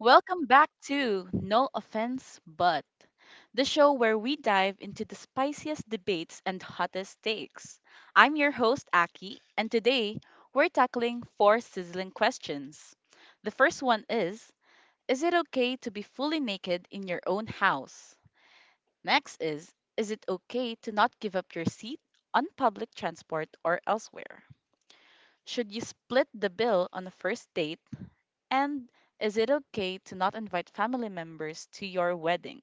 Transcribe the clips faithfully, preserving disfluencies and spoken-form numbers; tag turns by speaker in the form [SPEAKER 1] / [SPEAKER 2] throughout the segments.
[SPEAKER 1] Welcome back to No Offense But, the show where we dive into the spiciest debates and hottest takes. I'm your host, Aki, and today we're tackling four sizzling questions. The first one is Is it okay to be fully naked in your own house? Next is Is it okay to not give up your seat on public transport or elsewhere? Should you split the bill on a first date? And is it okay to not invite family members to your wedding?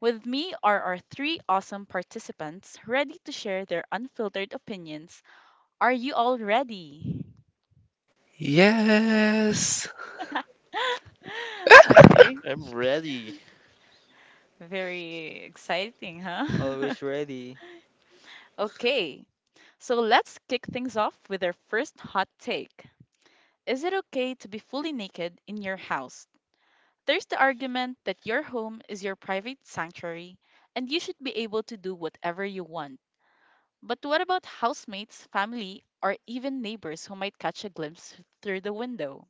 [SPEAKER 1] With me are our three awesome participants ready to share their unfiltered opinions. Are you all ready?
[SPEAKER 2] Yes.
[SPEAKER 1] Okay,
[SPEAKER 3] I'm ready.
[SPEAKER 1] very exciting, huh?
[SPEAKER 4] Always ready.
[SPEAKER 1] Okay, so let's kick things off with our first hot take. Is it okay to be fully naked in your house? There's the argument that your home is your private sanctuary and you should be able to do whatever you want. But what about housemates, family, or even neighbors who might catch a glimpse through the window?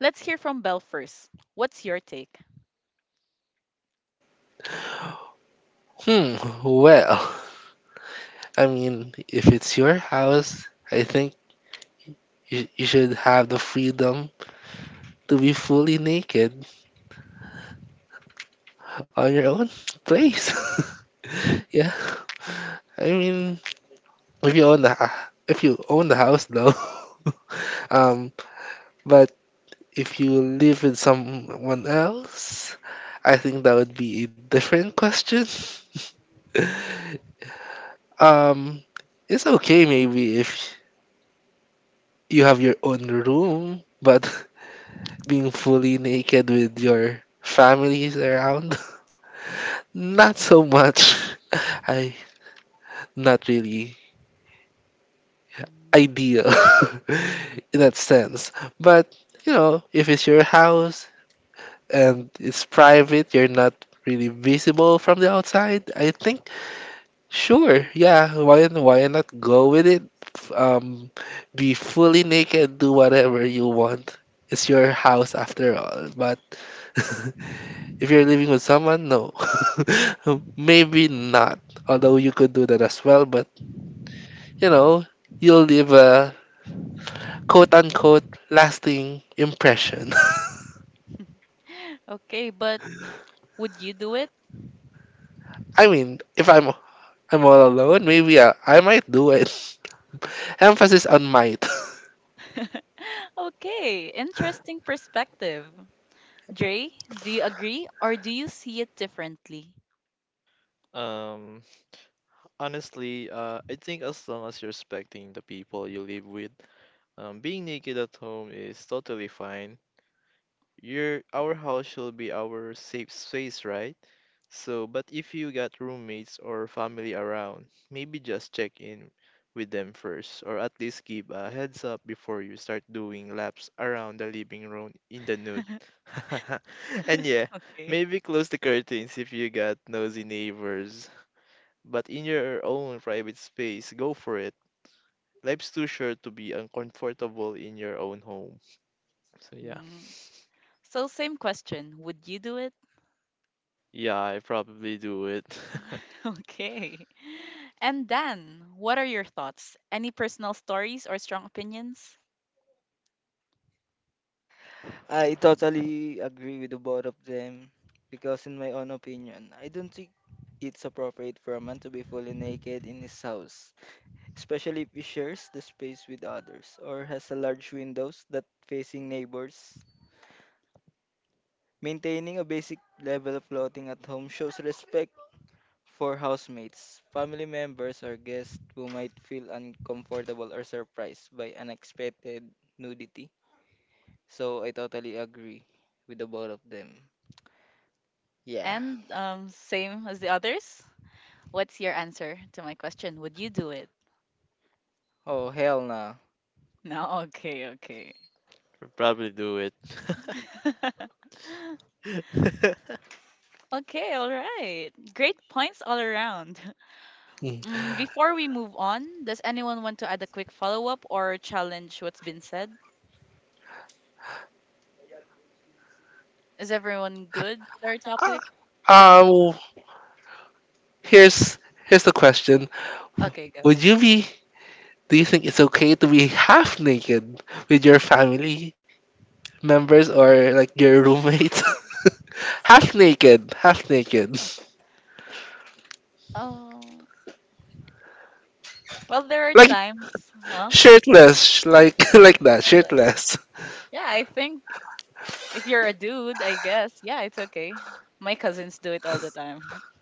[SPEAKER 1] Let's hear from Belle first. What's your take?
[SPEAKER 2] Hmm. Well, I mean, if it's your house, I think you, you should have the freedom to be fully naked on your own place. Yeah. I mean, if you own the ha- if you own the house though. um, but if you live with someone else, I think that would be a different question. Um, it's okay maybe if you have your own room, but being fully naked with your families around, not so much. I Not really
[SPEAKER 1] Mm.
[SPEAKER 2] ideal in that sense. But you know, if it's your house and it's private, you're not really visible from the outside. I think sure, yeah. Why why not go with it? F- Um, be fully naked, do whatever you want. It's your house after all. But if you're living with someone, no. Maybe not. Although you could do that as well, but you know, you'll leave a quote unquote lasting impression.
[SPEAKER 1] Okay, but would you do it?
[SPEAKER 2] I mean, if I'm I'm all alone, maybe I, I might do it. Emphasis on might.
[SPEAKER 1] Okay, interesting perspective. Dre, do you agree or do you see it differently?
[SPEAKER 3] Um, Honestly, uh, I think as long as you're respecting the people you live with, um, being naked at home is totally fine. Your our house should be our safe space, right? So, but if you got roommates or family around, maybe just check in with them first, or at least give a heads up before you start doing laps around the living room in the nude. and yeah,
[SPEAKER 1] Okay.
[SPEAKER 3] Maybe close the curtains if you got nosy neighbors. But in your own private space, go for it. Life's too short to be uncomfortable in your own home. So yeah.
[SPEAKER 1] Mm. So, same question. Would you do it?
[SPEAKER 3] Yeah, I probably do it.
[SPEAKER 1] Okay. And Dan, what are your thoughts? Any personal stories or strong opinions?
[SPEAKER 4] I totally agree with the both of them because, in my own opinion, I don't think it's appropriate for a man to be fully naked in his house, especially if he shares the space with others or has a large windows that facing neighbors. Maintaining a basic level of clothing at home shows respect for housemates, family members, or guests who might feel uncomfortable or surprised by unexpected nudity. So I totally agree with the both of them. Yeah.
[SPEAKER 1] And um, same as the others. What's your answer to my question? Would you do it?
[SPEAKER 4] Oh hell no.
[SPEAKER 1] No, okay, okay.
[SPEAKER 3] probably do it.
[SPEAKER 1] Okay, all right. Great points all around.
[SPEAKER 2] Mm.
[SPEAKER 1] Mm, before we move on, does anyone want to add a quick follow up or challenge what's been said? Is everyone good with our topic? Can we?
[SPEAKER 2] Ah, Um, here's here's the question.
[SPEAKER 1] Okay, go.
[SPEAKER 2] Would you be Do you think it's okay to be half naked with your family members or like your roommate? Half naked, half naked, Well,
[SPEAKER 1] Oh, well, there are
[SPEAKER 2] like
[SPEAKER 1] times,
[SPEAKER 2] no.
[SPEAKER 1] huh?
[SPEAKER 2] shirtless, sh- like like that,
[SPEAKER 1] What else?
[SPEAKER 2] shirtless.
[SPEAKER 1] Yeah, I think. If you're a dude, I guess, yeah, it's okay. My cousins do it all the time.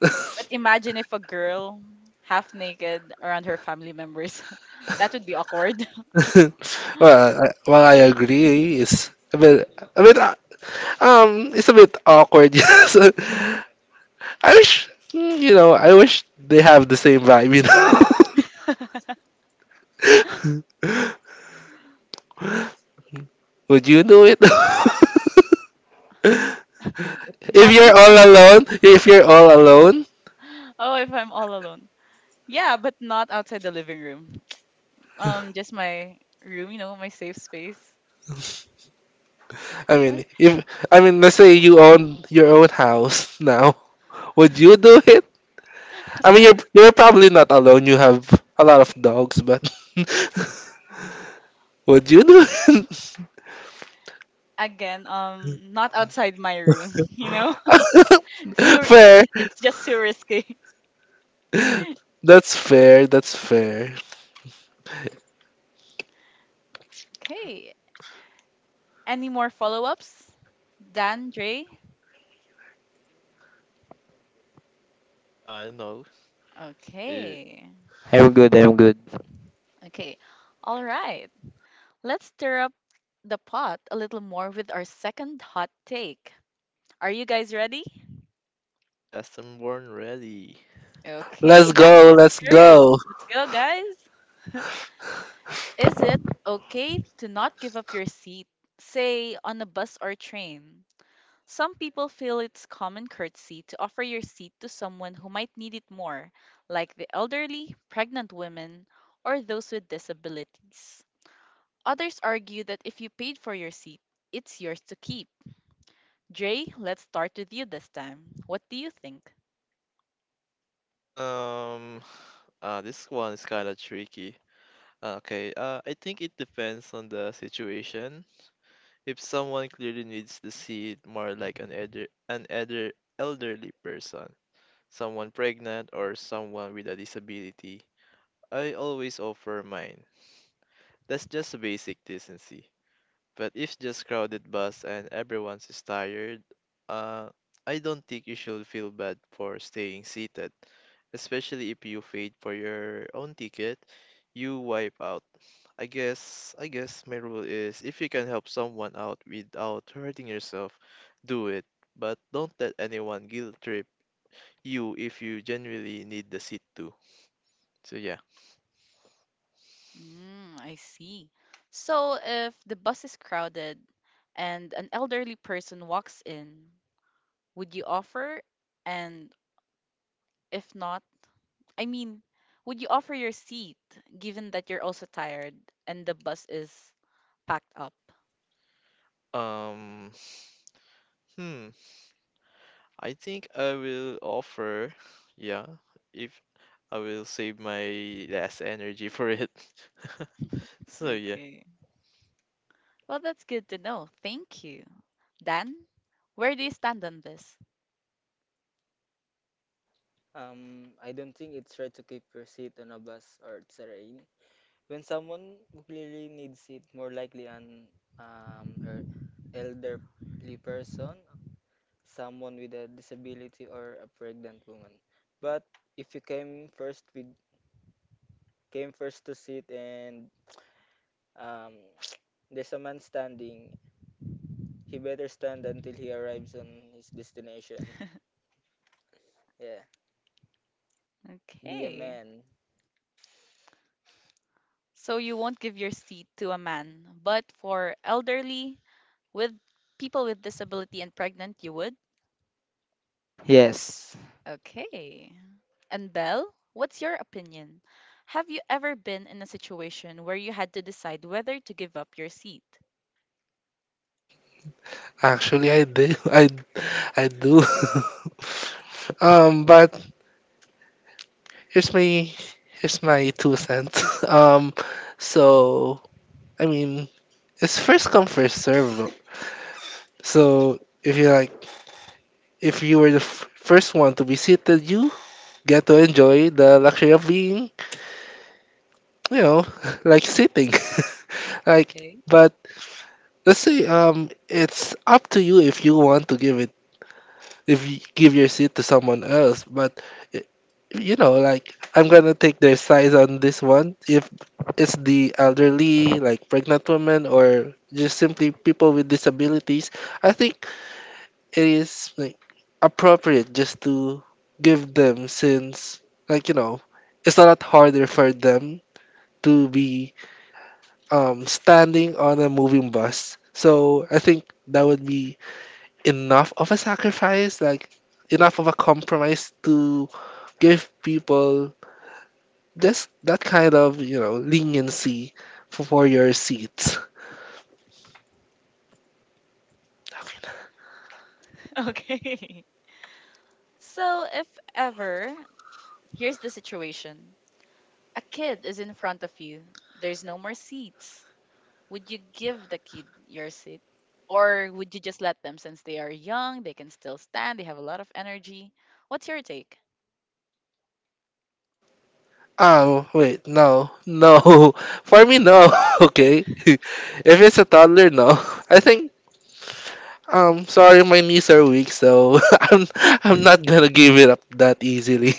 [SPEAKER 1] But imagine if a girl half naked around her family members. That would be awkward.
[SPEAKER 2] well, I, Well, I agree. It's a bit, a bit, uh, um, it's a bit awkward. Yes, I wish, mm, you know, I wish they have the same vibe. You know, would you do it? if
[SPEAKER 1] Not in
[SPEAKER 2] you're
[SPEAKER 1] front.
[SPEAKER 2] all alone, if you're all alone,
[SPEAKER 1] Oh, if I'm all alone. Yeah, but not outside the living room. Um just my room, you know, my safe space.
[SPEAKER 2] I mean, if I mean, let's say you own your own house now, would you do I mean, you're
[SPEAKER 1] Huh?
[SPEAKER 2] you're probably not alone. You have a lot of dogs, but what you do?
[SPEAKER 1] Again, um not outside my room, you know? It's too it just
[SPEAKER 2] Fair.
[SPEAKER 1] it's just too risky.
[SPEAKER 2] That's fair. That's fair.
[SPEAKER 1] Okay. Any more follow-ups? Dan, Dre?
[SPEAKER 3] uh no. It,
[SPEAKER 1] Okay.
[SPEAKER 4] I'm good, I'm good.
[SPEAKER 1] Okay. All right. Let's stir up the pot a little more with our second hot take. Are you guys ready?
[SPEAKER 3] yes, I'm born ready.
[SPEAKER 1] Okay,
[SPEAKER 2] Let's
[SPEAKER 1] that's
[SPEAKER 2] go.
[SPEAKER 1] the
[SPEAKER 2] Let's
[SPEAKER 1] spirit.
[SPEAKER 2] go.
[SPEAKER 1] Let's go, guys. Is it okay to not give up your seat, say on a bus or train? Some people feel it's common courtesy to offer your seat to someone who might need it more, like the elderly, pregnant women, or those with disabilities. Others argue that if you paid for your seat, it's yours to keep. Dre, let's start with you this time. What do you think?
[SPEAKER 3] Um uh this one is kinda tricky. Okay, uh I think it depends on the situation. If someone clearly needs to see it more like an elder an elder elderly person, someone pregnant, or someone with a disability, I always offer mine. That's just a basic decency. But if just crowded bus and everyone's is tired, uh, I don't think you should feel bad for staying seated, especially if you paid for your own ticket. You wipe out. I guess I guess my rule is if you can help someone out without hurting yourself, do it. But don't let anyone guilt trip you if you genuinely need the seat too. So yeah.
[SPEAKER 1] Mm, I see. So, if the bus is crowded and an elderly person walks in, would you offer? And if not, I mean, would you offer your seat given that you're also tired and the bus is packed up?
[SPEAKER 3] Um hmm I think I will offer, yeah, if I will save my last energy for it. So yeah.
[SPEAKER 1] Okay. Well, that's good to know. Thank you. Dan, where do you stand on this?
[SPEAKER 4] Um, I don't think it's right to keep your seat on a bus or train when someone who clearly needs it, more likely an um er, elderly person, someone with a disability, or a pregnant woman. But if you came first with came first to sit and um there's a man standing. He better stand until he arrives on his destination. Yeah. Be a
[SPEAKER 1] Okay.
[SPEAKER 4] man.
[SPEAKER 1] So you won't give your seat to a man, but for elderly, with people with disability and pregnant, you would?
[SPEAKER 4] Yes.
[SPEAKER 1] Okay. And Belle, what's your opinion? Have you ever been in a situation where you had to decide whether to give up your seat?
[SPEAKER 2] Actually, I do. I I do. Um, but here's my here's my two cents. Um, so I mean, it's first come first serve. So if you like, if you were the f- first one to be seated, you get to enjoy the luxury of being, well, like sitting. Like,
[SPEAKER 1] Okay.
[SPEAKER 2] but let's say um it's up to you if you want to give it, if you give your seat to someone else, but i- you know, like I'm going to take their size on this one. If it's the elderly like pregnant women or just simply people with disabilities, I think it is like appropriate just to give them, since like you know it's a lot harder for them to be, um, standing on a moving bus. So I think that would be enough of a sacrifice, like enough of a compromise to give people just that kind of, you know, leniency for, for your seats.
[SPEAKER 1] Okay. So, if ever, here's the situation, a kid is in front of you, there's no more seats. Would you give the kid your seat? Or would you just let them since they are young, they can still stand, they have a lot of energy? What's your take?
[SPEAKER 2] Um, wait, no, no, for me, no. Okay, if it's a toddler, no. I think. Um, sorry, my knees are weak, so I'm I'm not gonna give it up that easily.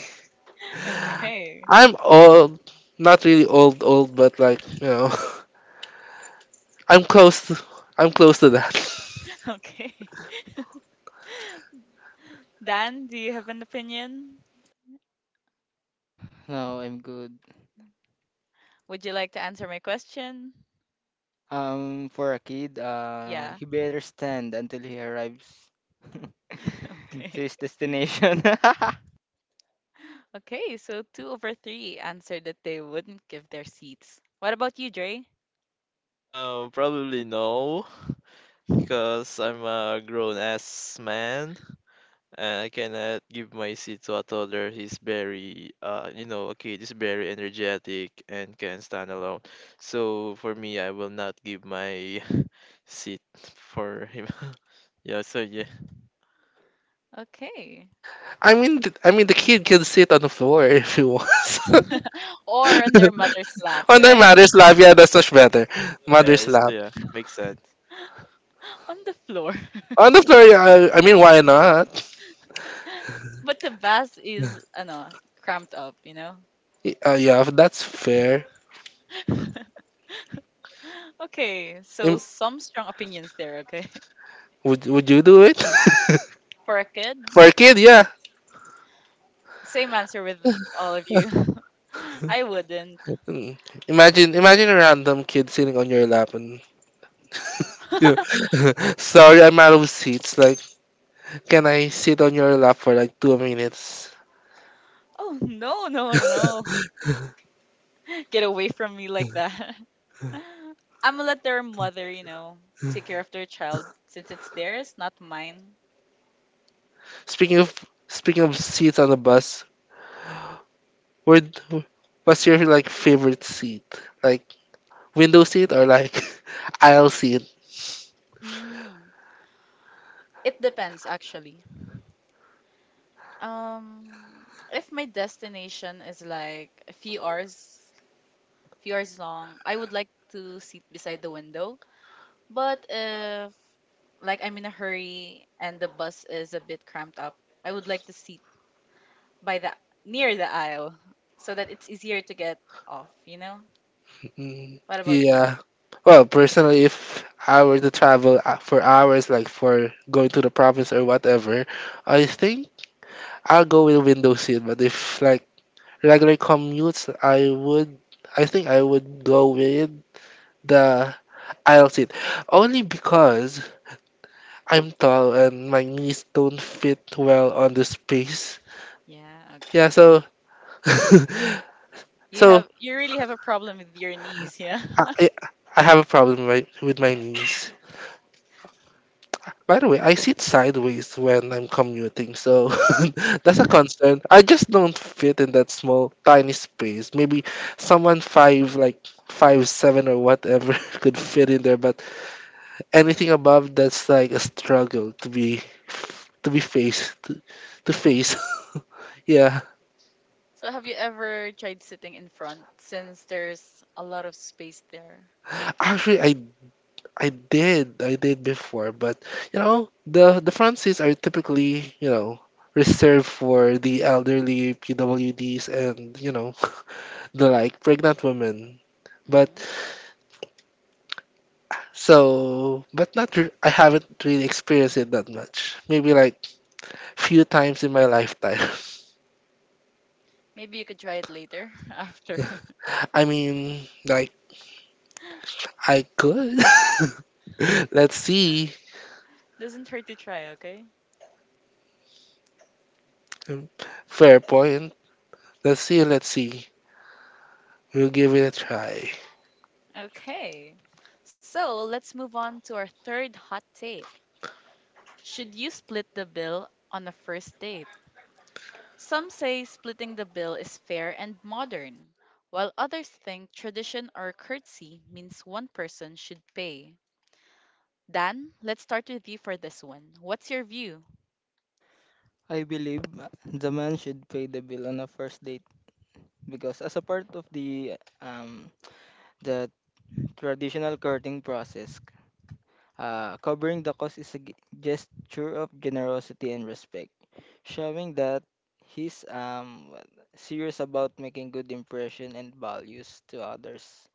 [SPEAKER 1] Okay.
[SPEAKER 2] I'm old, not really old old, but like you know, I'm close. To, I'm close to that.
[SPEAKER 1] Okay. Dan, do you have an opinion?
[SPEAKER 4] No, I'm good.
[SPEAKER 1] Would you like to answer my question?
[SPEAKER 4] Um, for a kid, uh,
[SPEAKER 1] Yeah.
[SPEAKER 4] he better stand until he arrives to
[SPEAKER 1] Okay.
[SPEAKER 4] his destination.
[SPEAKER 1] Okay, so two over three answered that they wouldn't give their seats. What about you, Dre?
[SPEAKER 3] Um, probably no, because I'm a grown ass man and I cannot give my seat to a toddler. He's very uh you know, a kid is very energetic and can stand alone. So for me I will not give my seat for him. Yeah, so yeah.
[SPEAKER 1] Okay.
[SPEAKER 2] I mean, th- I mean, the kid can sit on the floor if he wants.
[SPEAKER 1] Or on their mother's lap,
[SPEAKER 2] On their
[SPEAKER 1] right?
[SPEAKER 2] mother's lap, yeah, that's much better.
[SPEAKER 3] So yeah,
[SPEAKER 2] Mother's
[SPEAKER 3] it's-
[SPEAKER 2] lap
[SPEAKER 3] yeah, makes sense.
[SPEAKER 1] On the floor.
[SPEAKER 2] on the floor. Yeah, I, I mean, why not?
[SPEAKER 1] But the bus is, ano, cramped up, you know?
[SPEAKER 2] Y- Uh, yeah, that's fair.
[SPEAKER 1] Okay, so
[SPEAKER 2] Im-
[SPEAKER 1] some strong opinions there, okay?
[SPEAKER 2] would would you do it?
[SPEAKER 1] For a kid,
[SPEAKER 2] For a kid? Yeah.
[SPEAKER 1] same answer with all of you. I wouldn't.
[SPEAKER 2] Mm. Imagine imagine a random kid sitting on your lap and you
[SPEAKER 1] Oh,
[SPEAKER 2] know, sorry, I'm out of seats. Like, can I sit on your lap for like two minutes?
[SPEAKER 1] no, no, no. Get away from me like that. I'm gonna let their mother, you know, take care of their child since it's theirs, not mine.
[SPEAKER 2] Speaking of Speaking of seats on the bus, where d- what's your like favorite seat? Like window seat or like aisle seat?
[SPEAKER 1] Mm. It depends, actually. Um, if my destination is like a few hours few hours long, I would like to sit beside the window. But if like I'm in a hurry and the bus is a bit cramped up, I would like to sit by the near the aisle so that it's easier to get off, you know?
[SPEAKER 2] Mm,
[SPEAKER 1] What about you?
[SPEAKER 2] yeah. Well, personally, if I were to travel uh, for hours, like for going to the province or whatever, I think I'll go with window seat. But if like regular commutes, I would, I think I would go with the I'll sit. Only because I'm tall and my knees don't fit well on the space.
[SPEAKER 1] Yeah,
[SPEAKER 2] Yeah,
[SPEAKER 1] okay. Y-
[SPEAKER 2] so
[SPEAKER 1] You
[SPEAKER 2] so
[SPEAKER 1] have you really have a problem with your knees, yeah?
[SPEAKER 2] I, I I have a problem right with my knees. By the way, I sit sideways when I'm commuting, so that's a concern. I just don't fit in that small, tiny space. Maybe someone five, like five seven or whatever, could fit in there, but anything above that's like a struggle to be to be faced to, to face. Yeah,
[SPEAKER 1] So have you ever tried sitting in front since there's a lot of space there?
[SPEAKER 2] actually, I I did I did before, but you know the the front seats are typically you know reserved for the elderly P W Ds and you know the like pregnant women.
[SPEAKER 1] Hmm.
[SPEAKER 2] But so but not re- I haven't really experienced it that much. Maybe like few times in my lifetime.
[SPEAKER 1] Maybe you could try it later after.
[SPEAKER 2] I mean, like I could. Let's see.
[SPEAKER 1] Doesn't hurt to try, okay?
[SPEAKER 2] Um, Fair point. Let's see. Let's see. We'll give it a try.
[SPEAKER 1] Okay. So let's move on to our third hot take. Should you split the bill on a first date? Some say splitting the bill is fair and modern, while others think tradition or courtesy means one person should pay. Dan, let's start with you for this one. What's your view?
[SPEAKER 4] I believe the man should pay the bill on a first date because as a part of the um the traditional courting process. Uh, covering the cost is a g- gesture of generosity and respect, showing that he's um what- serious about making good impression and values to others.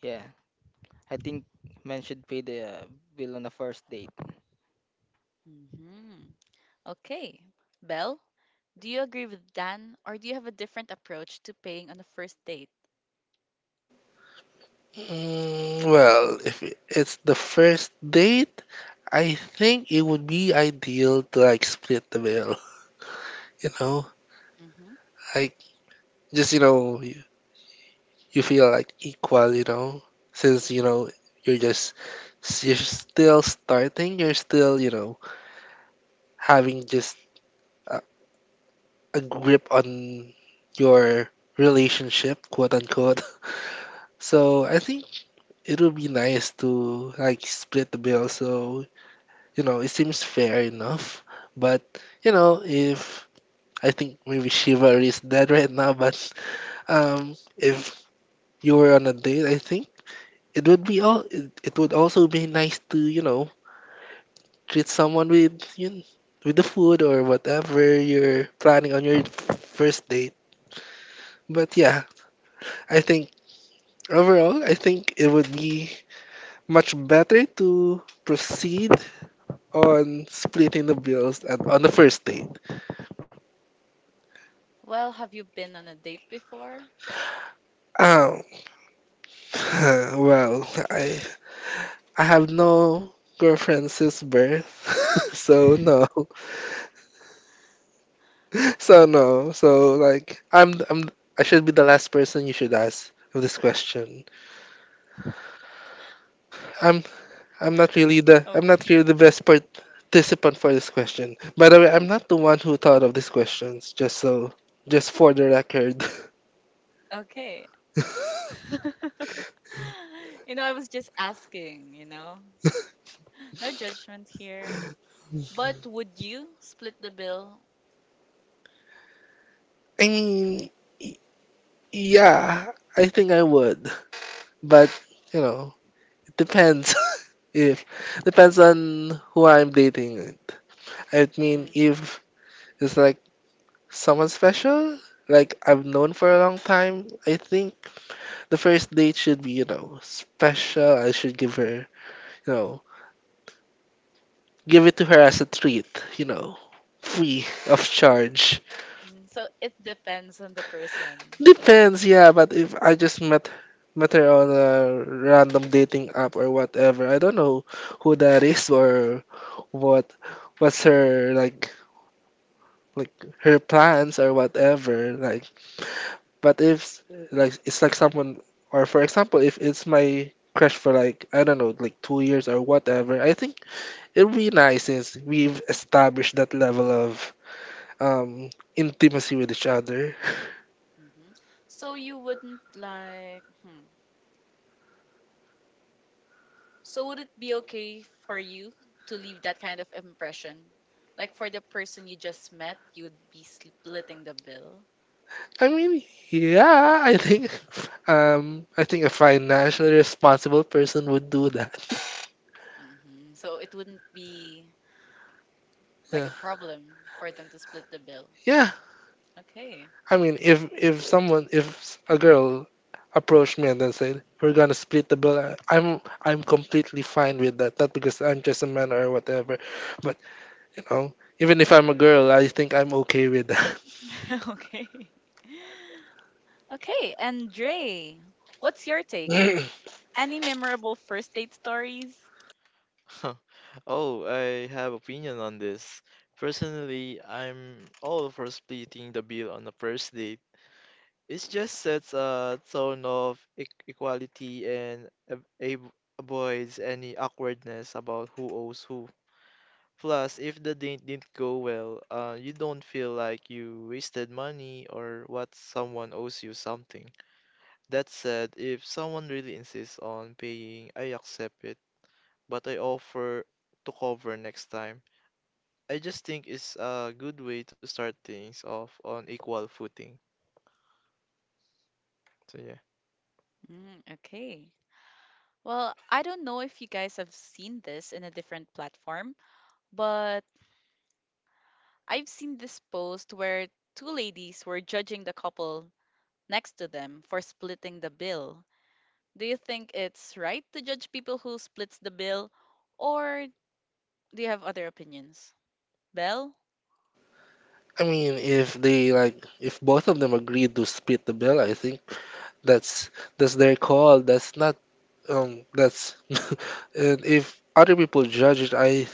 [SPEAKER 4] Yeah, I think men should pay the uh, bill on the first date.
[SPEAKER 1] Hmm. Okay. Belle, do you agree with Dan or do you have a different approach to paying on a first date?
[SPEAKER 2] Mm, well, if I- it's the first date, I think it would be ideal to like split the bill. You know,
[SPEAKER 1] Hmm.
[SPEAKER 2] like just you know you, you feel like equal. You know, since you know you're just s- you're still starting, you're still you know having just a, a grip on your relationship, quote unquote. So I think it would be nice to like split the bill. So you know, it seems fair enough. But, you know, if I think maybe chivalry is dead right now, but um, if you were on a date, I think it would be all. It, it would also be nice to you know treat someone with you kn- with the food or whatever you're planning on your first date. But yeah, I think overall, I think it would be much better to proceed on splitting the bills at, on the first date.
[SPEAKER 1] Well, have you been on a date before?
[SPEAKER 2] Um, Well, I I have no girlfriend since birth, so no, so no, so like I'm I'm, I should be the last person you should ask of this question. I'm
[SPEAKER 1] Okay.
[SPEAKER 2] I'm not really the I'm not really the best participant for this question. By the way, I'm not the one who thought of these questions. Just so, just for the record.
[SPEAKER 1] Okay. You know, I was just asking, you know. No judgment here. But would you split the bill?
[SPEAKER 2] I mean, y- yeah, I think I would, but you know, depends if depends on who I'm dating. I mean,
[SPEAKER 1] Mm, mm.
[SPEAKER 2] if it's like someone special, like I've known for a long time, I think the first date should be, you know, special. I should give her, you know, give it to her as a treat, you know, free of charge.
[SPEAKER 1] So it depends on the person.
[SPEAKER 2] Depends, yeah, but if I just met met her on a random dating app or whatever, I don't know who that is or what what's her like like her plans or whatever, like, but if like it's like someone or for example if it's my crush for like I don't know like two years or whatever, I think it will be nice since we've established that level of um intimacy with each other.
[SPEAKER 1] Hmm. So you wouldn't like, hmm. So would it be okay for you to leave that kind of impression? Like for the person you just met, you'd be splitting the bill.
[SPEAKER 2] i mean yeah, I think, um I think a financially responsible person would do that.
[SPEAKER 1] Hmm. So it wouldn't be like
[SPEAKER 2] Yeah.
[SPEAKER 1] a problem for them to split the bill.
[SPEAKER 2] Yeah,
[SPEAKER 1] Okay.
[SPEAKER 2] I mean, if if someone, if a girl approached me and then said, "We're gonna split the bill," I- I'm I'm completely fine with that. Not because I'm just a man or whatever, but you know, even if I'm a girl, I think I'm okay with that.
[SPEAKER 1] Okay. Okay, and Dre, what's your take? Any memorable first date stories?
[SPEAKER 3] Oh, I have opinion on this. Personally, I'm all for splitting the bill on the first date. It just sets a tone of e- equality and ab- ab- avoids any awkwardness about who owes who. Plus, if the date didn't go well, uh, you don't feel like you wasted money or what someone owes you something. That said, if someone really insists on paying, I accept it but I offer to cover next time. I just think it's a good way to start things off on equal footing. So yeah.
[SPEAKER 1] Mm, okay. Well, I don't know if you guys have seen this in a different platform, but I've seen this post where two ladies were judging the couple next to them for splitting the bill. Do you think it's right to judge people who splits the bill, or do you have other opinions? Belle?
[SPEAKER 2] I mean, if they like, if both of them agreed to split the bill, I think that's that's their call. That's not um that's, and if other people judge it, I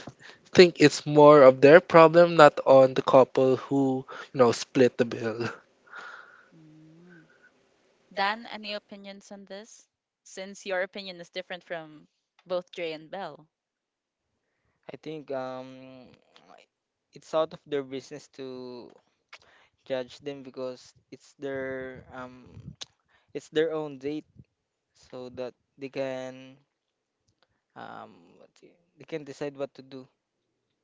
[SPEAKER 2] think it's more of their problem, not on the couple who, you know, split the bill.
[SPEAKER 1] Mm. Dan, any opinions on this? Since your opinion is different from both Dre and Belle.
[SPEAKER 4] I think um it's out of their business to judge them because it's their um it's their own date so that they can um what do you- they can decide what to do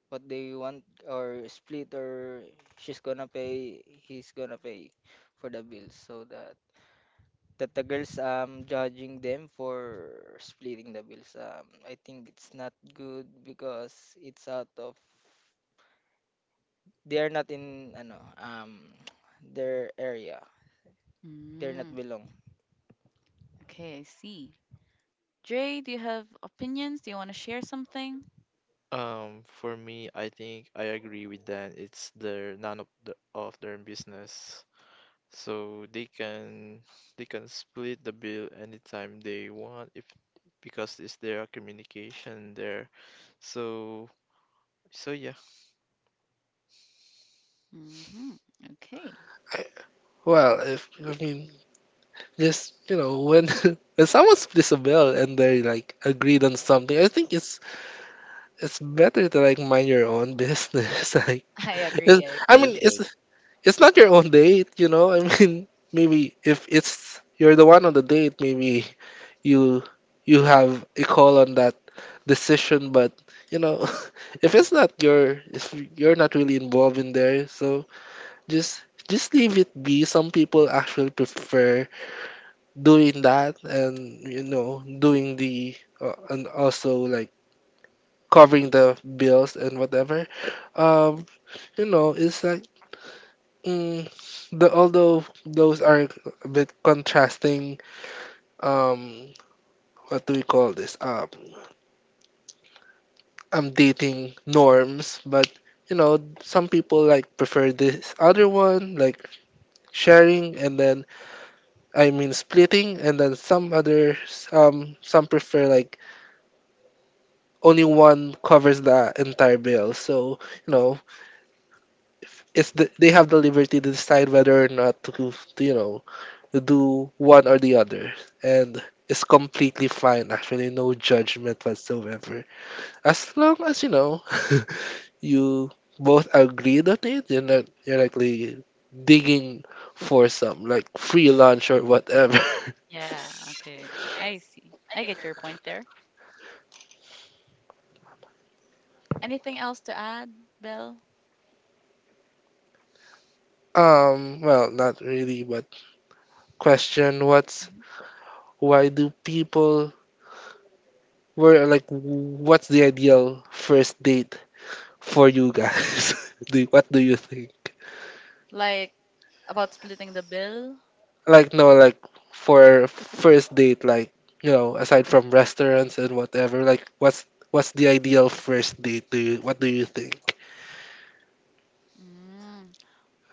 [SPEAKER 4] what they want or split, or she's gonna pay, he's gonna pay for the bills, so that that the girls um judging them for splitting the bills. Um, I think it's not good because it's out of they are not in ano um their area. They're not
[SPEAKER 1] Mm,
[SPEAKER 4] belong.
[SPEAKER 1] okay, I see. Dre, do you have opinions? Do you want to share something?
[SPEAKER 3] Um, for me, I think I agree with Dan. It's their none of the, of their business, so they can they can split the bill anytime they want if because it's their communication there. So so yeah.
[SPEAKER 1] Hmm. Okay.
[SPEAKER 2] I, well, if I mean, just you know, when when someone splits a bill and they like agreed on something, I think it's it's better to like mind your own business. Like,
[SPEAKER 1] I
[SPEAKER 2] it's,
[SPEAKER 1] agree. I
[SPEAKER 3] Yeah,
[SPEAKER 2] I
[SPEAKER 3] you
[SPEAKER 2] mean,
[SPEAKER 1] agree.
[SPEAKER 2] it's
[SPEAKER 3] should.
[SPEAKER 2] it's not your own date, you know. I mean, maybe if it's you're the one on the date, maybe you you have a call on that decision, but you know if it's not your, if you're not really involved in there, so just just leave it be. Some people actually prefer doing that and you know doing the, uh, and also like covering the bills and whatever, um you know it's like, mm, the although those are a bit contrasting, um what do we call this, um um dating norms, but you know, some people like prefer this other one, like sharing and then, I mean splitting, and then some others um some prefer like only one covers the entire bill. So you
[SPEAKER 1] Mhm.
[SPEAKER 2] know, if it's the, they have the liberty to decide whether or not to, to you know to do one or the other, and it's completely fine. Actually, no judgment whatsoever, as long as you know. You both agreed on it. You're not you're like really digging for some like free lunch or whatever.
[SPEAKER 1] Yeah, okay. I see. I get your point there. Anything else to add, Belle?
[SPEAKER 2] um, well, not really, but question what's
[SPEAKER 1] Mhm.
[SPEAKER 2] why do people were like what's the ideal first date for you guys? do what do you think?
[SPEAKER 1] Like about splitting the bill?
[SPEAKER 2] Like no, like for first date, like you know, aside from restaurants and whatever, like what's what's the ideal first date? Do you what do you think?
[SPEAKER 1] Mm,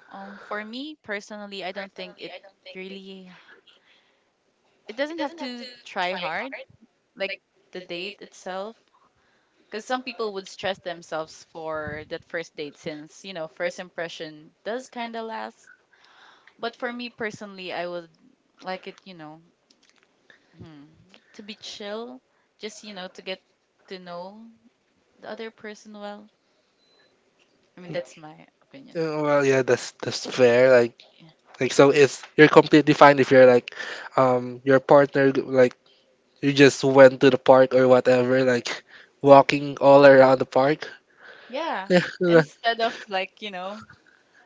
[SPEAKER 1] um, for me personally, I don't think it really. It doesn't have to try hard. Like the date itself, because some people would stress themselves for that first date since you know first impression does kind of last, but for me personally I would like it, you know hmm, to be chill, just you know to get to know the other person well. I mean, that's my opinion.
[SPEAKER 2] Yeah, well, yeah, that's that's fair. Like, like so, it's you're completely fine if you're like, um, your partner g- like you just went to the park or whatever, like walking all around the park.
[SPEAKER 1] Yeah,
[SPEAKER 2] Yeah, like,
[SPEAKER 1] instead of like you know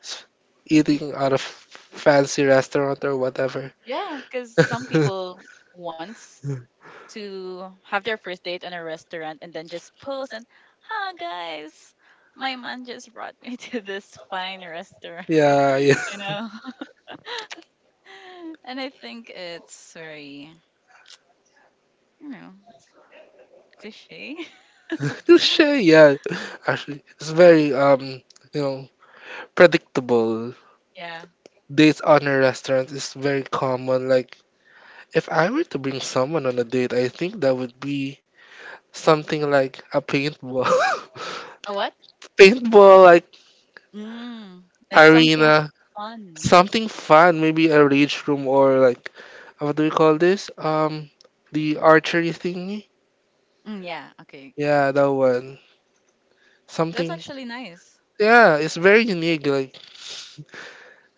[SPEAKER 2] s- eating out of fancy restaurant or whatever.
[SPEAKER 1] yeah, because some people wants to have their first date in a restaurant and then just post and, hi guys, my man just brought me to this fine restaurant,
[SPEAKER 2] Yeah, yeah.
[SPEAKER 1] you know? And I think it's very, you know, cliche.
[SPEAKER 2] Cliché, yeah. Actually, it's very um, you know, predictable.
[SPEAKER 1] Yeah.
[SPEAKER 2] Dates on a restaurant is very common. Like if I were to bring someone on a date, I think that would be something like a paintball.
[SPEAKER 1] A what?
[SPEAKER 2] Paintball, like
[SPEAKER 1] Mm, like something
[SPEAKER 2] arena.
[SPEAKER 1] fun.
[SPEAKER 2] Something fun, maybe a rage room or like, what do we call this? Um, the archery thingy?
[SPEAKER 1] Mm, yeah, okay.
[SPEAKER 2] Yeah, that one.
[SPEAKER 1] That's
[SPEAKER 2] Something.
[SPEAKER 1] actually nice.
[SPEAKER 2] Yeah, it's very unique. Like,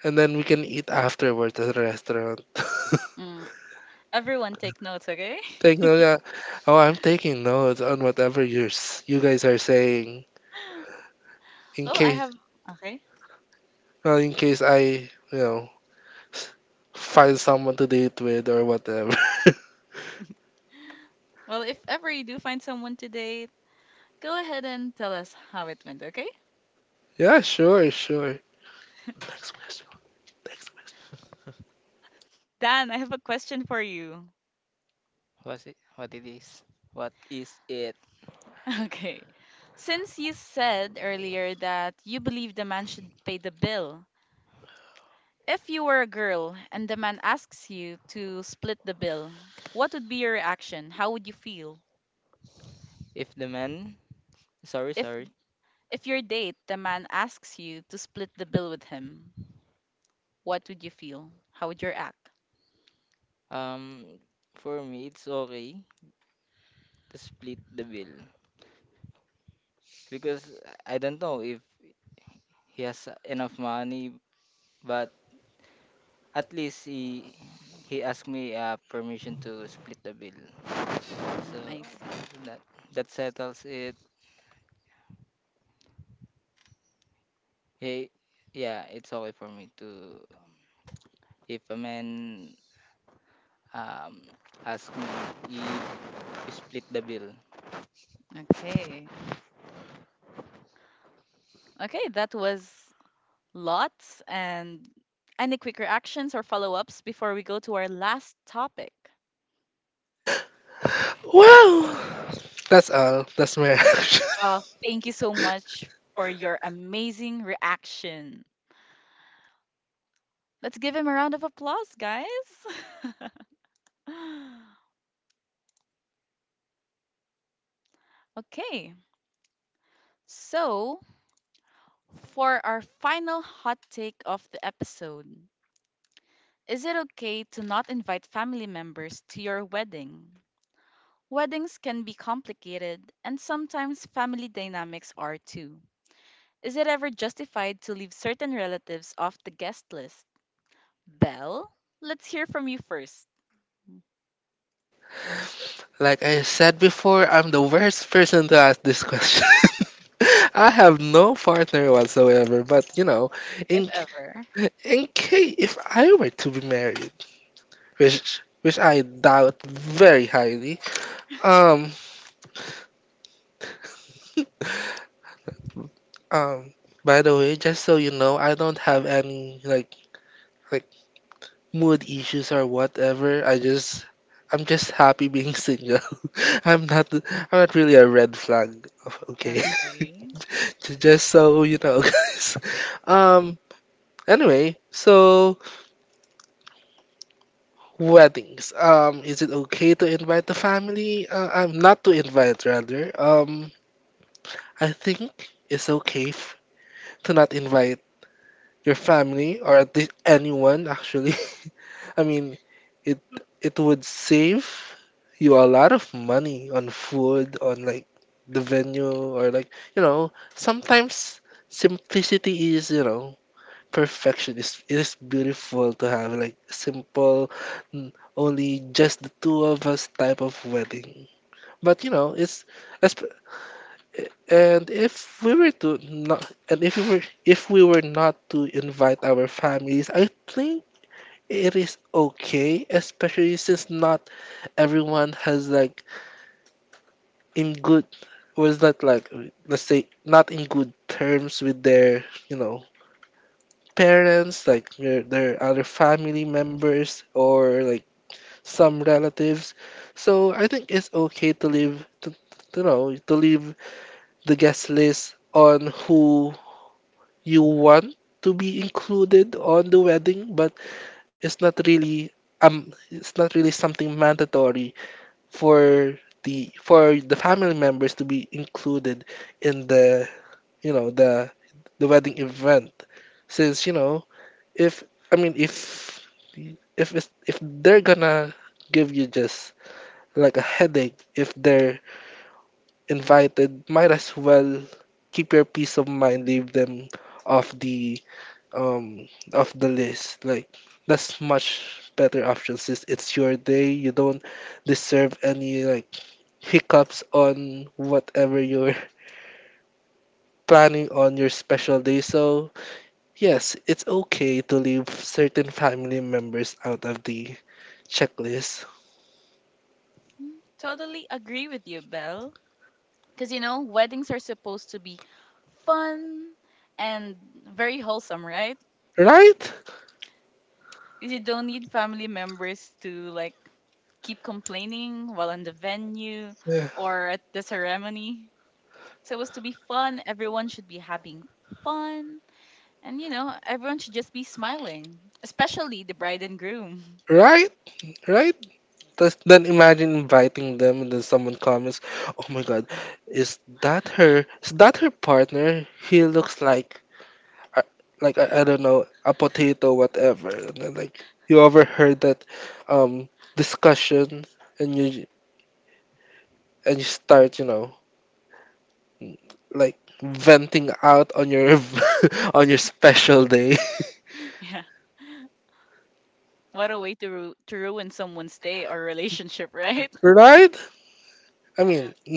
[SPEAKER 2] and then we can eat afterwards at a restaurant.
[SPEAKER 1] Mm. Everyone take notes, okay?
[SPEAKER 2] Take note, yeah. Oh, I'm taking notes on whatever you you guys are saying in
[SPEAKER 1] Oh, I
[SPEAKER 2] case
[SPEAKER 1] have. Okay.
[SPEAKER 2] well, in case I you know find someone to date with or whatever.
[SPEAKER 1] Well, if ever you do find someone to date, go ahead and tell us how it went, okay?
[SPEAKER 2] Yeah, sure, sure. Next question. Next question.
[SPEAKER 1] Dan, I have a question for you.
[SPEAKER 4] What it what it is? What is it?
[SPEAKER 1] Okay. Since you said earlier that you believe the man should pay the bill, if you were a girl and the man asks you to split the bill, what would be your reaction? How would you feel?
[SPEAKER 4] If the man sorry
[SPEAKER 1] If
[SPEAKER 4] sorry
[SPEAKER 1] if your date the man asks you to split the bill with him, what would you feel? How would you act?
[SPEAKER 4] um for me it's okay to split the bill because I don't know if he has enough money, but at least he he asked me uh, permission to split the bill.
[SPEAKER 1] Mm,
[SPEAKER 4] So,
[SPEAKER 1] I see.
[SPEAKER 4] so that that settles it. He, yeah, it's okay for me to if a man um ask me if you split the bill.
[SPEAKER 1] Okay. Okay, that was lots and any quick reactions or follow ups before we go to our last topic?
[SPEAKER 2] Well, that's all. That's my answer.
[SPEAKER 1] Well, thank you so much for your amazing reaction. Let's give him a round of applause, guys. Okay, so for our final hot take of the episode, is it okay to not invite family members to your wedding? Weddings can be complicated, and sometimes family dynamics are too. Is it ever justified to leave certain relatives off the guest list? Belle, let's hear from you first,
[SPEAKER 2] Like I said before, I'm the worst person to ask this question. I have no partner whatsoever, but you know,
[SPEAKER 1] if
[SPEAKER 2] in
[SPEAKER 1] ever.
[SPEAKER 2] in case if I were to be married, which which I doubt very highly. Um, um. By the way, just so you know, I don't have any like mood issues or whatever. I just I'm just happy being single. I'm not I'm not really a red flag. Okay.
[SPEAKER 1] Okay.
[SPEAKER 2] J- just so you know, guys. Um anyway, so weddings. Um, is it okay to invite the family? Uh, I'm not to invite rather. Um I think it's okay f- to not invite your family or at least anyone actually. I mean, it it would save you a lot of money on food, on like the venue or like you know, sometimes simplicity is, you know, perfection. It's, it is beautiful to have like simple n- only just the two of us type of wedding. But you know, it's esp- and if we were to not and if we were if we were not to invite our families, I think it is okay, especially since not everyone has like in good was that like uh, let's say not in good terms with their you know parents like their, their other family members or like some relatives. So I think it's okay to leave to, to know to leave the guest list on who you want to be included on the wedding, but it's not really um it's not really something mandatory for the for the family members to be included in the you know the the wedding event. Since you know, if I mean if if it's, if they're gonna give you just like a headache if they're invited, might as well keep your peace of mind, leave them off the um of the list. Like that's much better option since it's your day. You don't deserve any like hiccups on whatever you're planning on your special day. So yes, it's okay to leave certain family members out of the checklist.
[SPEAKER 1] Mm, totally agree with you, Belle. Because, you know, weddings are supposed to be fun and very wholesome, right?
[SPEAKER 2] Right?
[SPEAKER 1] Because you don't need family members to, like, keep complaining while on the venue
[SPEAKER 2] Yeah.
[SPEAKER 1] or at the ceremony. It's supposed to be fun. Everyone should be having fun. And you know, everyone should just be smiling, especially the bride and groom.
[SPEAKER 2] Right? Right? Does, then imagine inviting them and then someone comments, oh my god, is that her is that her partner? He looks like I, like I, I don't know, a potato whatever, and then like you overheard that um discussion, and you and you start you know like venting out on your on your special day.
[SPEAKER 1] Yeah. What a way to ru- to ruin someone's day or relationship, right?
[SPEAKER 2] Right, I mean,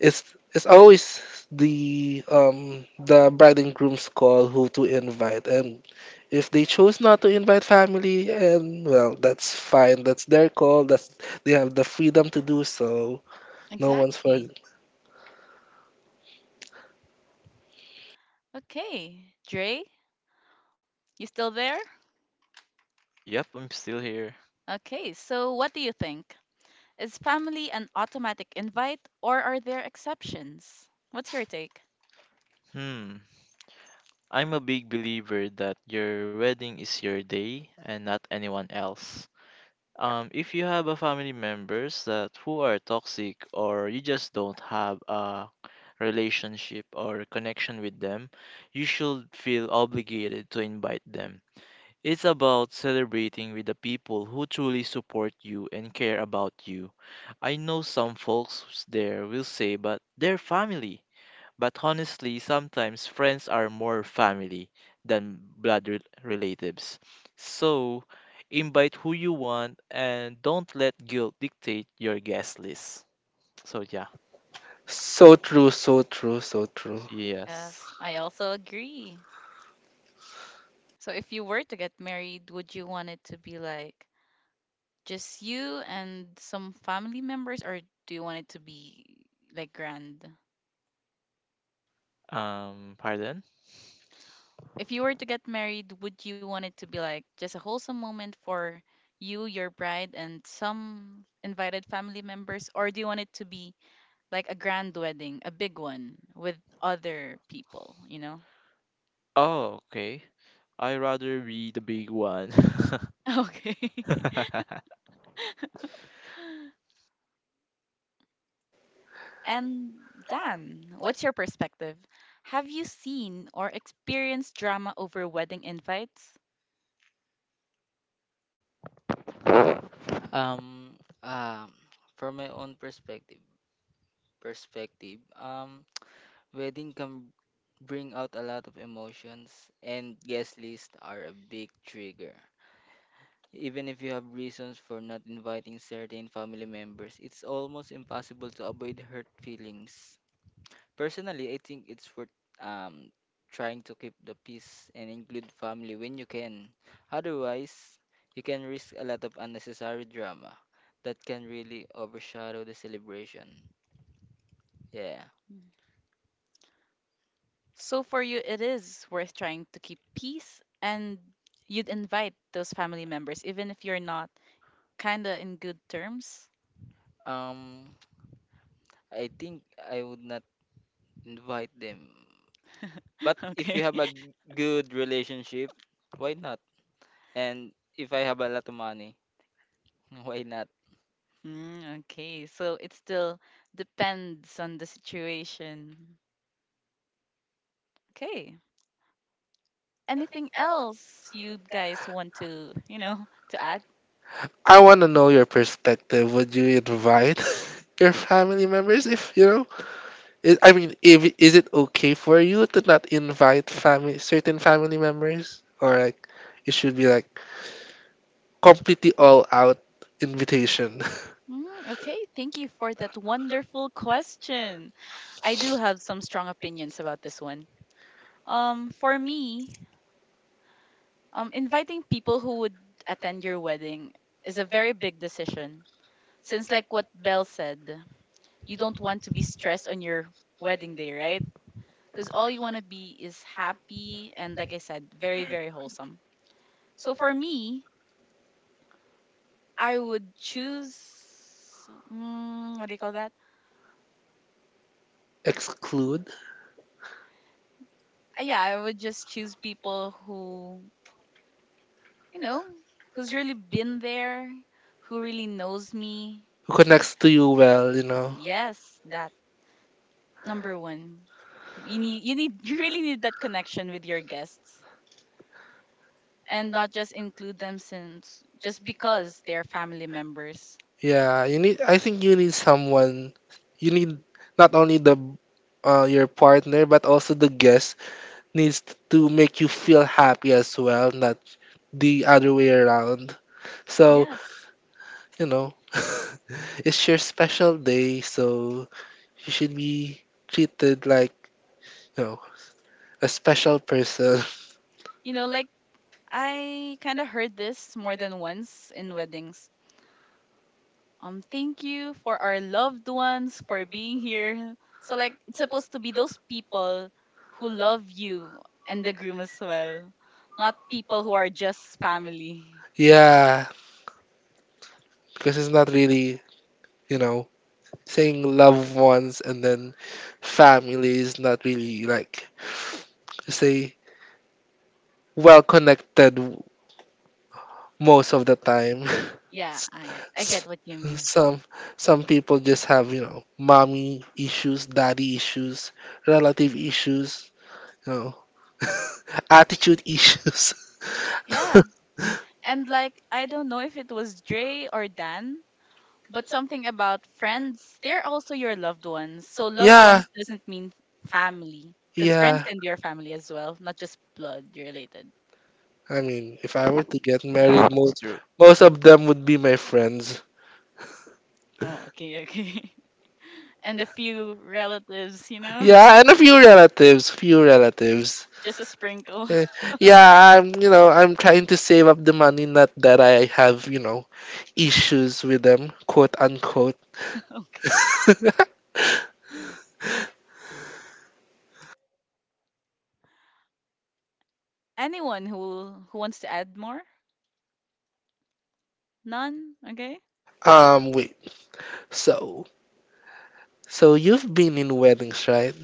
[SPEAKER 2] it's it's always the um the bride and groom's call who to invite, and if they choose not to invite family, and well that's fine, that's their call, that's they have the freedom to do so. No one's
[SPEAKER 1] Exactly.
[SPEAKER 2] fault.
[SPEAKER 1] Okay, Dre, you still there?
[SPEAKER 3] Yep, I'm still here.
[SPEAKER 1] Okay, so what do you think? Is family an automatic invite or are there exceptions? What's your take?
[SPEAKER 3] Hmm. I'm a big believer that your wedding is your day and not anyone else. Um, if you have a family members that who are toxic or you just don't have a relationship or connection with them, you should feel obligated to invite them. It's about celebrating with the people who truly support you and care about you. I know some folks there will say, but they're family. But honestly, sometimes friends are more family than blood rel- relatives. So, invite who you want and don't let guilt dictate your guest list. So, yeah.
[SPEAKER 2] So true, so true, so true.
[SPEAKER 3] Yes.
[SPEAKER 1] Yes, I also agree. So if you were to get married, would you want it to be like just you and some family members, or do you want it to be like grand?
[SPEAKER 3] Um, pardon?
[SPEAKER 1] If you were to get married, would you want it to be like just a wholesome moment for you, your bride, and some invited family members, or do you want it to be like a grand wedding, a big one with other people, you know?
[SPEAKER 3] Oh, okay. I rather be the big one.
[SPEAKER 1] Okay. And Dan, what's your perspective? Have you seen or experienced drama over wedding invites?
[SPEAKER 4] Um, um, from my own perspective, perspective. Um, Wedding can bring out a lot of emotions, and guest lists are a big trigger. Even if you have reasons for not inviting certain family members, it's almost impossible to avoid hurt feelings. Personally, I think it's worth um, trying to keep the peace and include family when you can. Otherwise, you can risk a lot of unnecessary drama that can really overshadow the celebration. Yeah.
[SPEAKER 1] So for you, it is worth trying to keep peace, and you'd invite those family members, even if you're not kinda in good terms.
[SPEAKER 4] Um, I think I would not invite them. But if
[SPEAKER 1] Okay.
[SPEAKER 4] you have a g- good relationship, why not? And if I have a lot of money, why not?
[SPEAKER 1] Mm, okay. So it still depends on the situation. Okay. Anything else you guys want to, you know, to add?
[SPEAKER 2] I want to know your perspective. Would you invite your family members if you know? Is, I mean, if is it okay for you to not invite family certain family members, or like it should be like completely all out invitation?
[SPEAKER 1] Mm, okay, thank you for that wonderful question. I do have some strong opinions about this one. Um, for me, Um, inviting people who would attend your wedding is a very big decision. Since, like what Belle said, you don't want to be stressed on your wedding day, right? Because all you want to be is happy and, like I said, very, very wholesome. So, for me, I would choose mm, what do you call that?
[SPEAKER 2] Exclude
[SPEAKER 1] Uh, yeah, I would just choose people who, you know, who's really been there, who really knows me.
[SPEAKER 2] who connects to you well, you know?
[SPEAKER 1] Yes, that. Number one, you need you need you really need that connection with your guests, and not just include them since just because they're family members.
[SPEAKER 2] Yeah, you need. I think you need someone. You need not only the uh, your partner but also the guest needs to make you feel happy as well, not the other way around. So,
[SPEAKER 1] Yes,
[SPEAKER 2] you know, it's your special day, so you should be treated like, you know, a special person.
[SPEAKER 1] you know, like, I kind of heard this more than once in weddings. Um thank you for our loved ones for being here. So like it's supposed to be those people who love you and the groom as well, not people who are just family.
[SPEAKER 2] Yeah, because it's not really, you know, saying loved ones and then family is not really like, say, well connected most of the time.
[SPEAKER 1] Yeah,
[SPEAKER 2] S-
[SPEAKER 1] i i get
[SPEAKER 2] s-
[SPEAKER 1] what you mean.
[SPEAKER 2] some some people just have you know mommy issues, daddy issues, relative issues, you know, attitude issues.
[SPEAKER 1] Yeah. And like I don't know if it was Dre or Dan, but something about friends, they're also your loved ones. So loved
[SPEAKER 2] yeah,
[SPEAKER 1] ones doesn't mean family. Because friends
[SPEAKER 2] yeah.
[SPEAKER 1] can be your family as well, not just blood related.
[SPEAKER 2] I mean, if I were to get married,
[SPEAKER 3] It's
[SPEAKER 2] most
[SPEAKER 3] true.
[SPEAKER 2] most of them would be my friends.
[SPEAKER 1] Oh, okay, okay. And a few relatives, you know?
[SPEAKER 2] Yeah, and a few relatives, few relatives.
[SPEAKER 1] Just a sprinkle.
[SPEAKER 2] Yeah, I'm, you know, I'm trying to save up the money, not that I have, you know, issues with them, quote unquote.
[SPEAKER 1] Okay. Anyone who who wants to add more? None? Okay.
[SPEAKER 2] Um, wait. So, so you've been in weddings, right?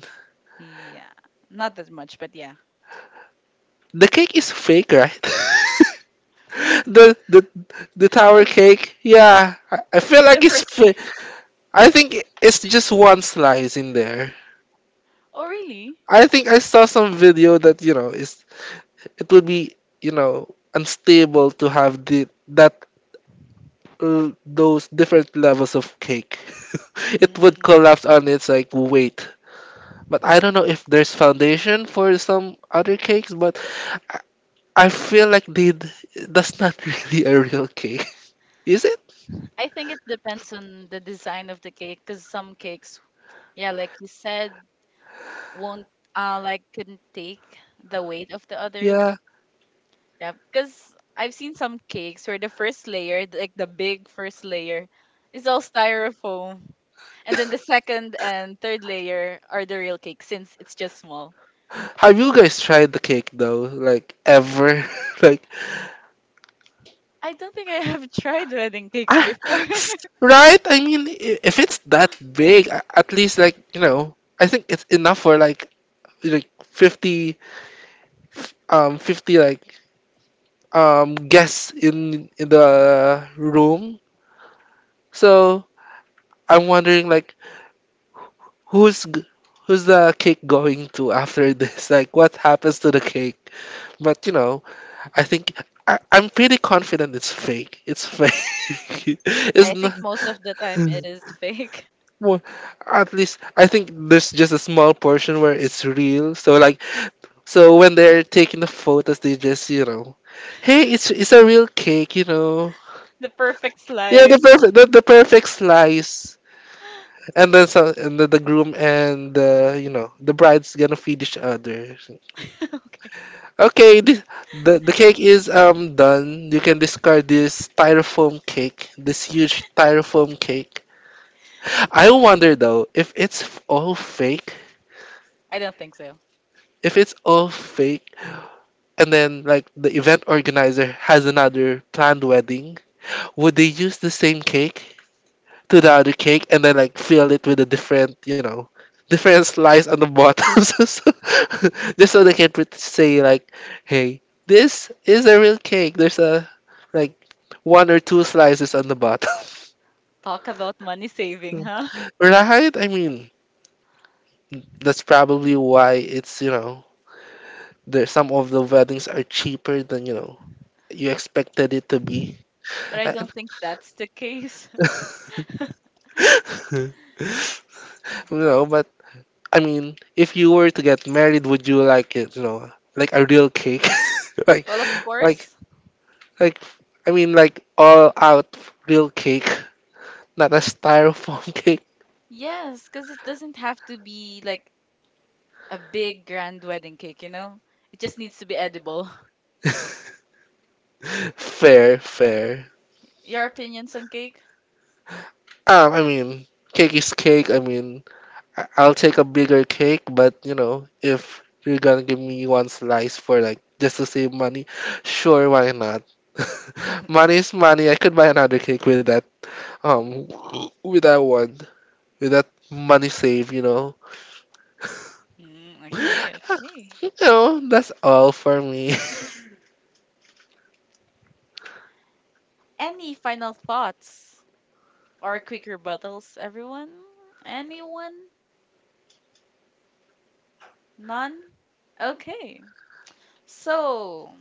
[SPEAKER 1] Yeah. Not that much, but yeah.
[SPEAKER 2] The cake is fake, right? the the the tower cake. Yeah, I, I feel
[SPEAKER 1] The
[SPEAKER 2] like it's
[SPEAKER 1] first—
[SPEAKER 2] fake. I think it's just one slice in there.
[SPEAKER 1] Oh really?
[SPEAKER 2] I think I saw some video that, you know, it's it would be, you know, unstable to have the that uh, those different levels of cake. It would
[SPEAKER 1] Mm.
[SPEAKER 2] collapse on its like weight. But I don't know if there's foundation for some other cakes, but I I feel like they d- that's not really a real cake. Is it?
[SPEAKER 1] I think it depends on the design of the cake because some cakes, yeah, like you said, won't uh like couldn't take the weight of the others.
[SPEAKER 2] Yeah.
[SPEAKER 1] Yeah, because I've seen some cakes where the first layer, th- like the big first layer, is all styrofoam, and then the second and third layer are the real cake since it's just small.
[SPEAKER 2] Have you guys tried the cake though? Like ever? Like
[SPEAKER 1] I don't think I have tried wedding cakes
[SPEAKER 2] I,
[SPEAKER 1] before.
[SPEAKER 2] right? I mean, i- if it's that big, a- at least like you know, I think it's enough for like like fifty um fifty like um guests in in the room. So I'm wondering like who's g- who's the cake going to after this? Like what happens to the cake? But you know, I think I, I'm pretty confident it's fake. It's fake. It's
[SPEAKER 1] I
[SPEAKER 2] not.
[SPEAKER 1] think most of the time it is fake.
[SPEAKER 2] Well, at least I think there's just a small portion where it's real. So like so when they're taking the photos, they just you know, hey, it's it's a real cake, you know.
[SPEAKER 1] The perfect
[SPEAKER 2] Yeah, the
[SPEAKER 1] slice.
[SPEAKER 2] perfect the, the perfect slice. And then so and then the groom and the you know the bride's gonna feed each other.
[SPEAKER 1] Okay.
[SPEAKER 2] Okay, this, the the cake is um done. You can discard this styrofoam cake, this huge styrofoam cake. I wonder though if it's f- all fake.
[SPEAKER 1] I don't think so.
[SPEAKER 2] If it's all fake, and then like the event organizer has another planned wedding, would they use the same cake to the other cake and then like fill it with a different, you know, different slice on the bottom, so, so, just so they can pret- say like, hey, this is a real cake. There's a like one or two slices on the bottom.
[SPEAKER 1] Talk about money saving, huh?
[SPEAKER 2] Right? I mean, that's probably why it's, you know, there some of the weddings are cheaper than, you know, you expected it to be.
[SPEAKER 1] But I
[SPEAKER 2] I-
[SPEAKER 1] don't think that's the case.
[SPEAKER 2] no, but I mean, if you were to get married, would you like it? You know, like a real cake, like,
[SPEAKER 1] Well, of
[SPEAKER 2] like,
[SPEAKER 1] course,
[SPEAKER 2] like. I mean, like all out real cake, not a styrofoam cake.
[SPEAKER 1] yes, because it doesn't have to be like a big grand wedding cake, you know? It just needs to be edible.
[SPEAKER 2] Fair, fair.
[SPEAKER 1] Your opinions on cake?
[SPEAKER 2] Um, I mean, cake is cake. I mean, I- I'll take a bigger cake, but you know, if you're gonna give me one slice for like just to save money, sure, why not? Money is money. I could buy another cake with that, um, with that one, with that money save. You know,
[SPEAKER 1] Mm, okay, okay.
[SPEAKER 2] you know, that's all for me.
[SPEAKER 1] Any final thoughts or quick rebuttals, everyone? Anyone? None? Okay. So,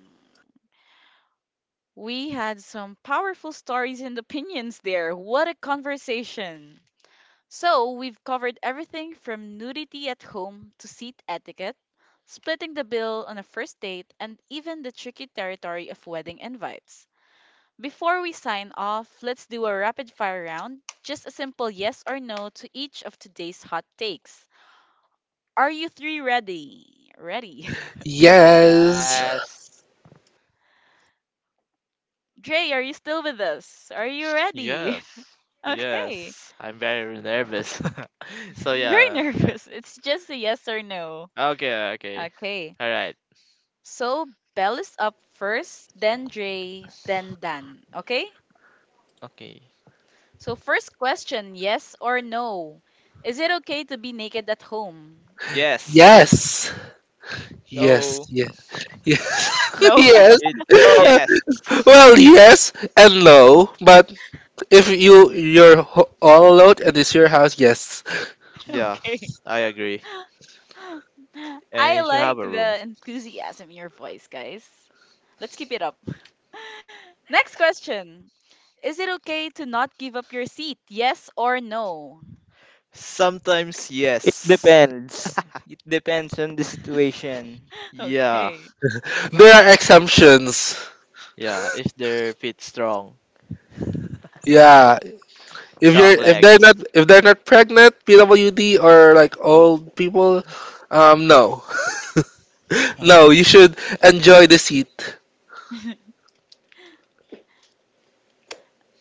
[SPEAKER 1] we had some powerful stories and opinions there. What a conversation! So, we've covered everything from nudity at home to seat etiquette, splitting the bill on a first date, and even the tricky territory of wedding invites. Before we sign off, let's do a rapid fire round. Just a simple yes or no to each of today's hot takes. Are you three ready? Ready.
[SPEAKER 2] Yes,
[SPEAKER 4] Yes.
[SPEAKER 1] Dre, are you still with us? Are you ready?
[SPEAKER 3] Yes.
[SPEAKER 1] Okay.
[SPEAKER 3] Yes. I'm very nervous. So
[SPEAKER 1] I'm very
[SPEAKER 3] yeah. I-
[SPEAKER 1] nervous. It's just a yes or no.
[SPEAKER 3] okay, okay.
[SPEAKER 1] Okay.
[SPEAKER 3] All right.
[SPEAKER 1] So Bell is up first, then Dre, then Dan. Okay?
[SPEAKER 3] Okay.
[SPEAKER 1] So first question, yes or no? Is it okay to be naked at home?
[SPEAKER 3] Yes.
[SPEAKER 2] yes, yes,
[SPEAKER 4] No.
[SPEAKER 2] yes, yes,
[SPEAKER 1] No?
[SPEAKER 2] yes.
[SPEAKER 3] It's
[SPEAKER 4] No,
[SPEAKER 3] yes.
[SPEAKER 2] Well, yes and no, but if you you're ho- all alone and it's your house, yes.
[SPEAKER 3] Yeah,
[SPEAKER 1] Okay.
[SPEAKER 3] I agree. And
[SPEAKER 1] I
[SPEAKER 3] it should have
[SPEAKER 1] like
[SPEAKER 3] a room.
[SPEAKER 1] the enthusiasm in your voice, guys. Let's keep it up. Next question. Is it okay to not give up your seat? Yes or no?
[SPEAKER 3] Sometimes
[SPEAKER 4] it
[SPEAKER 3] yes.
[SPEAKER 4] depends. It depends on the situation.
[SPEAKER 3] Yeah.
[SPEAKER 1] Okay.
[SPEAKER 2] There are exemptions.
[SPEAKER 3] Yeah, if they're fit strong.
[SPEAKER 2] Yeah, if you're
[SPEAKER 3] Strong
[SPEAKER 2] if
[SPEAKER 3] legs.
[SPEAKER 2] they're not, if they're not pregnant, P W D or like old people, um, no, no, you should enjoy the seat.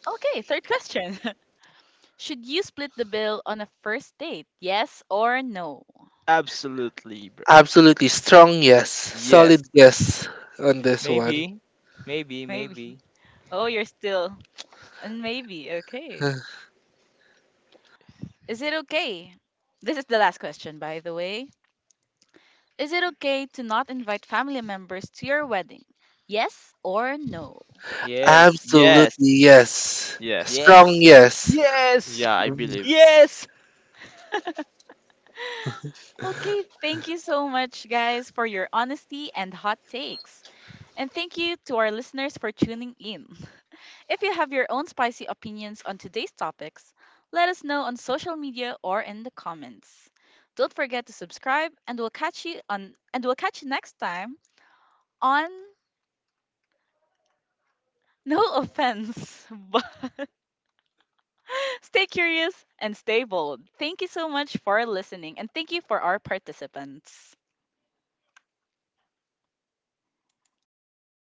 [SPEAKER 1] Okay, third question. Should you split the bill on a first date? Yes or no?
[SPEAKER 3] Absolutely, bro.
[SPEAKER 2] Absolutely strong, yes,
[SPEAKER 3] Yes.
[SPEAKER 2] solid, yes, on this one.
[SPEAKER 4] Maybe. Maybe,
[SPEAKER 1] Maybe.
[SPEAKER 4] maybe.
[SPEAKER 1] Oh, you're still. And maybe. Okay. Is it okay? This is the last question, by the way. Is it okay to not invite family members to your wedding? Yes or no?
[SPEAKER 4] Yes.
[SPEAKER 2] Absolutely,
[SPEAKER 3] Yes.
[SPEAKER 2] yes, strong,
[SPEAKER 3] Yes.
[SPEAKER 4] Yes.
[SPEAKER 2] yes.
[SPEAKER 4] Yes.
[SPEAKER 3] Yeah, I believe.
[SPEAKER 4] Yes.
[SPEAKER 1] Okay, thank you so much, guys, for your honesty and hot takes. And thank you to our listeners for tuning in. If you have your own spicy opinions on today's topics, let us know on social media or in the comments. Don't forget to subscribe and we'll catch you on and we'll catch you next time on No Offense, but stay curious and stay bold. Thank you so much for listening and thank you for our participants.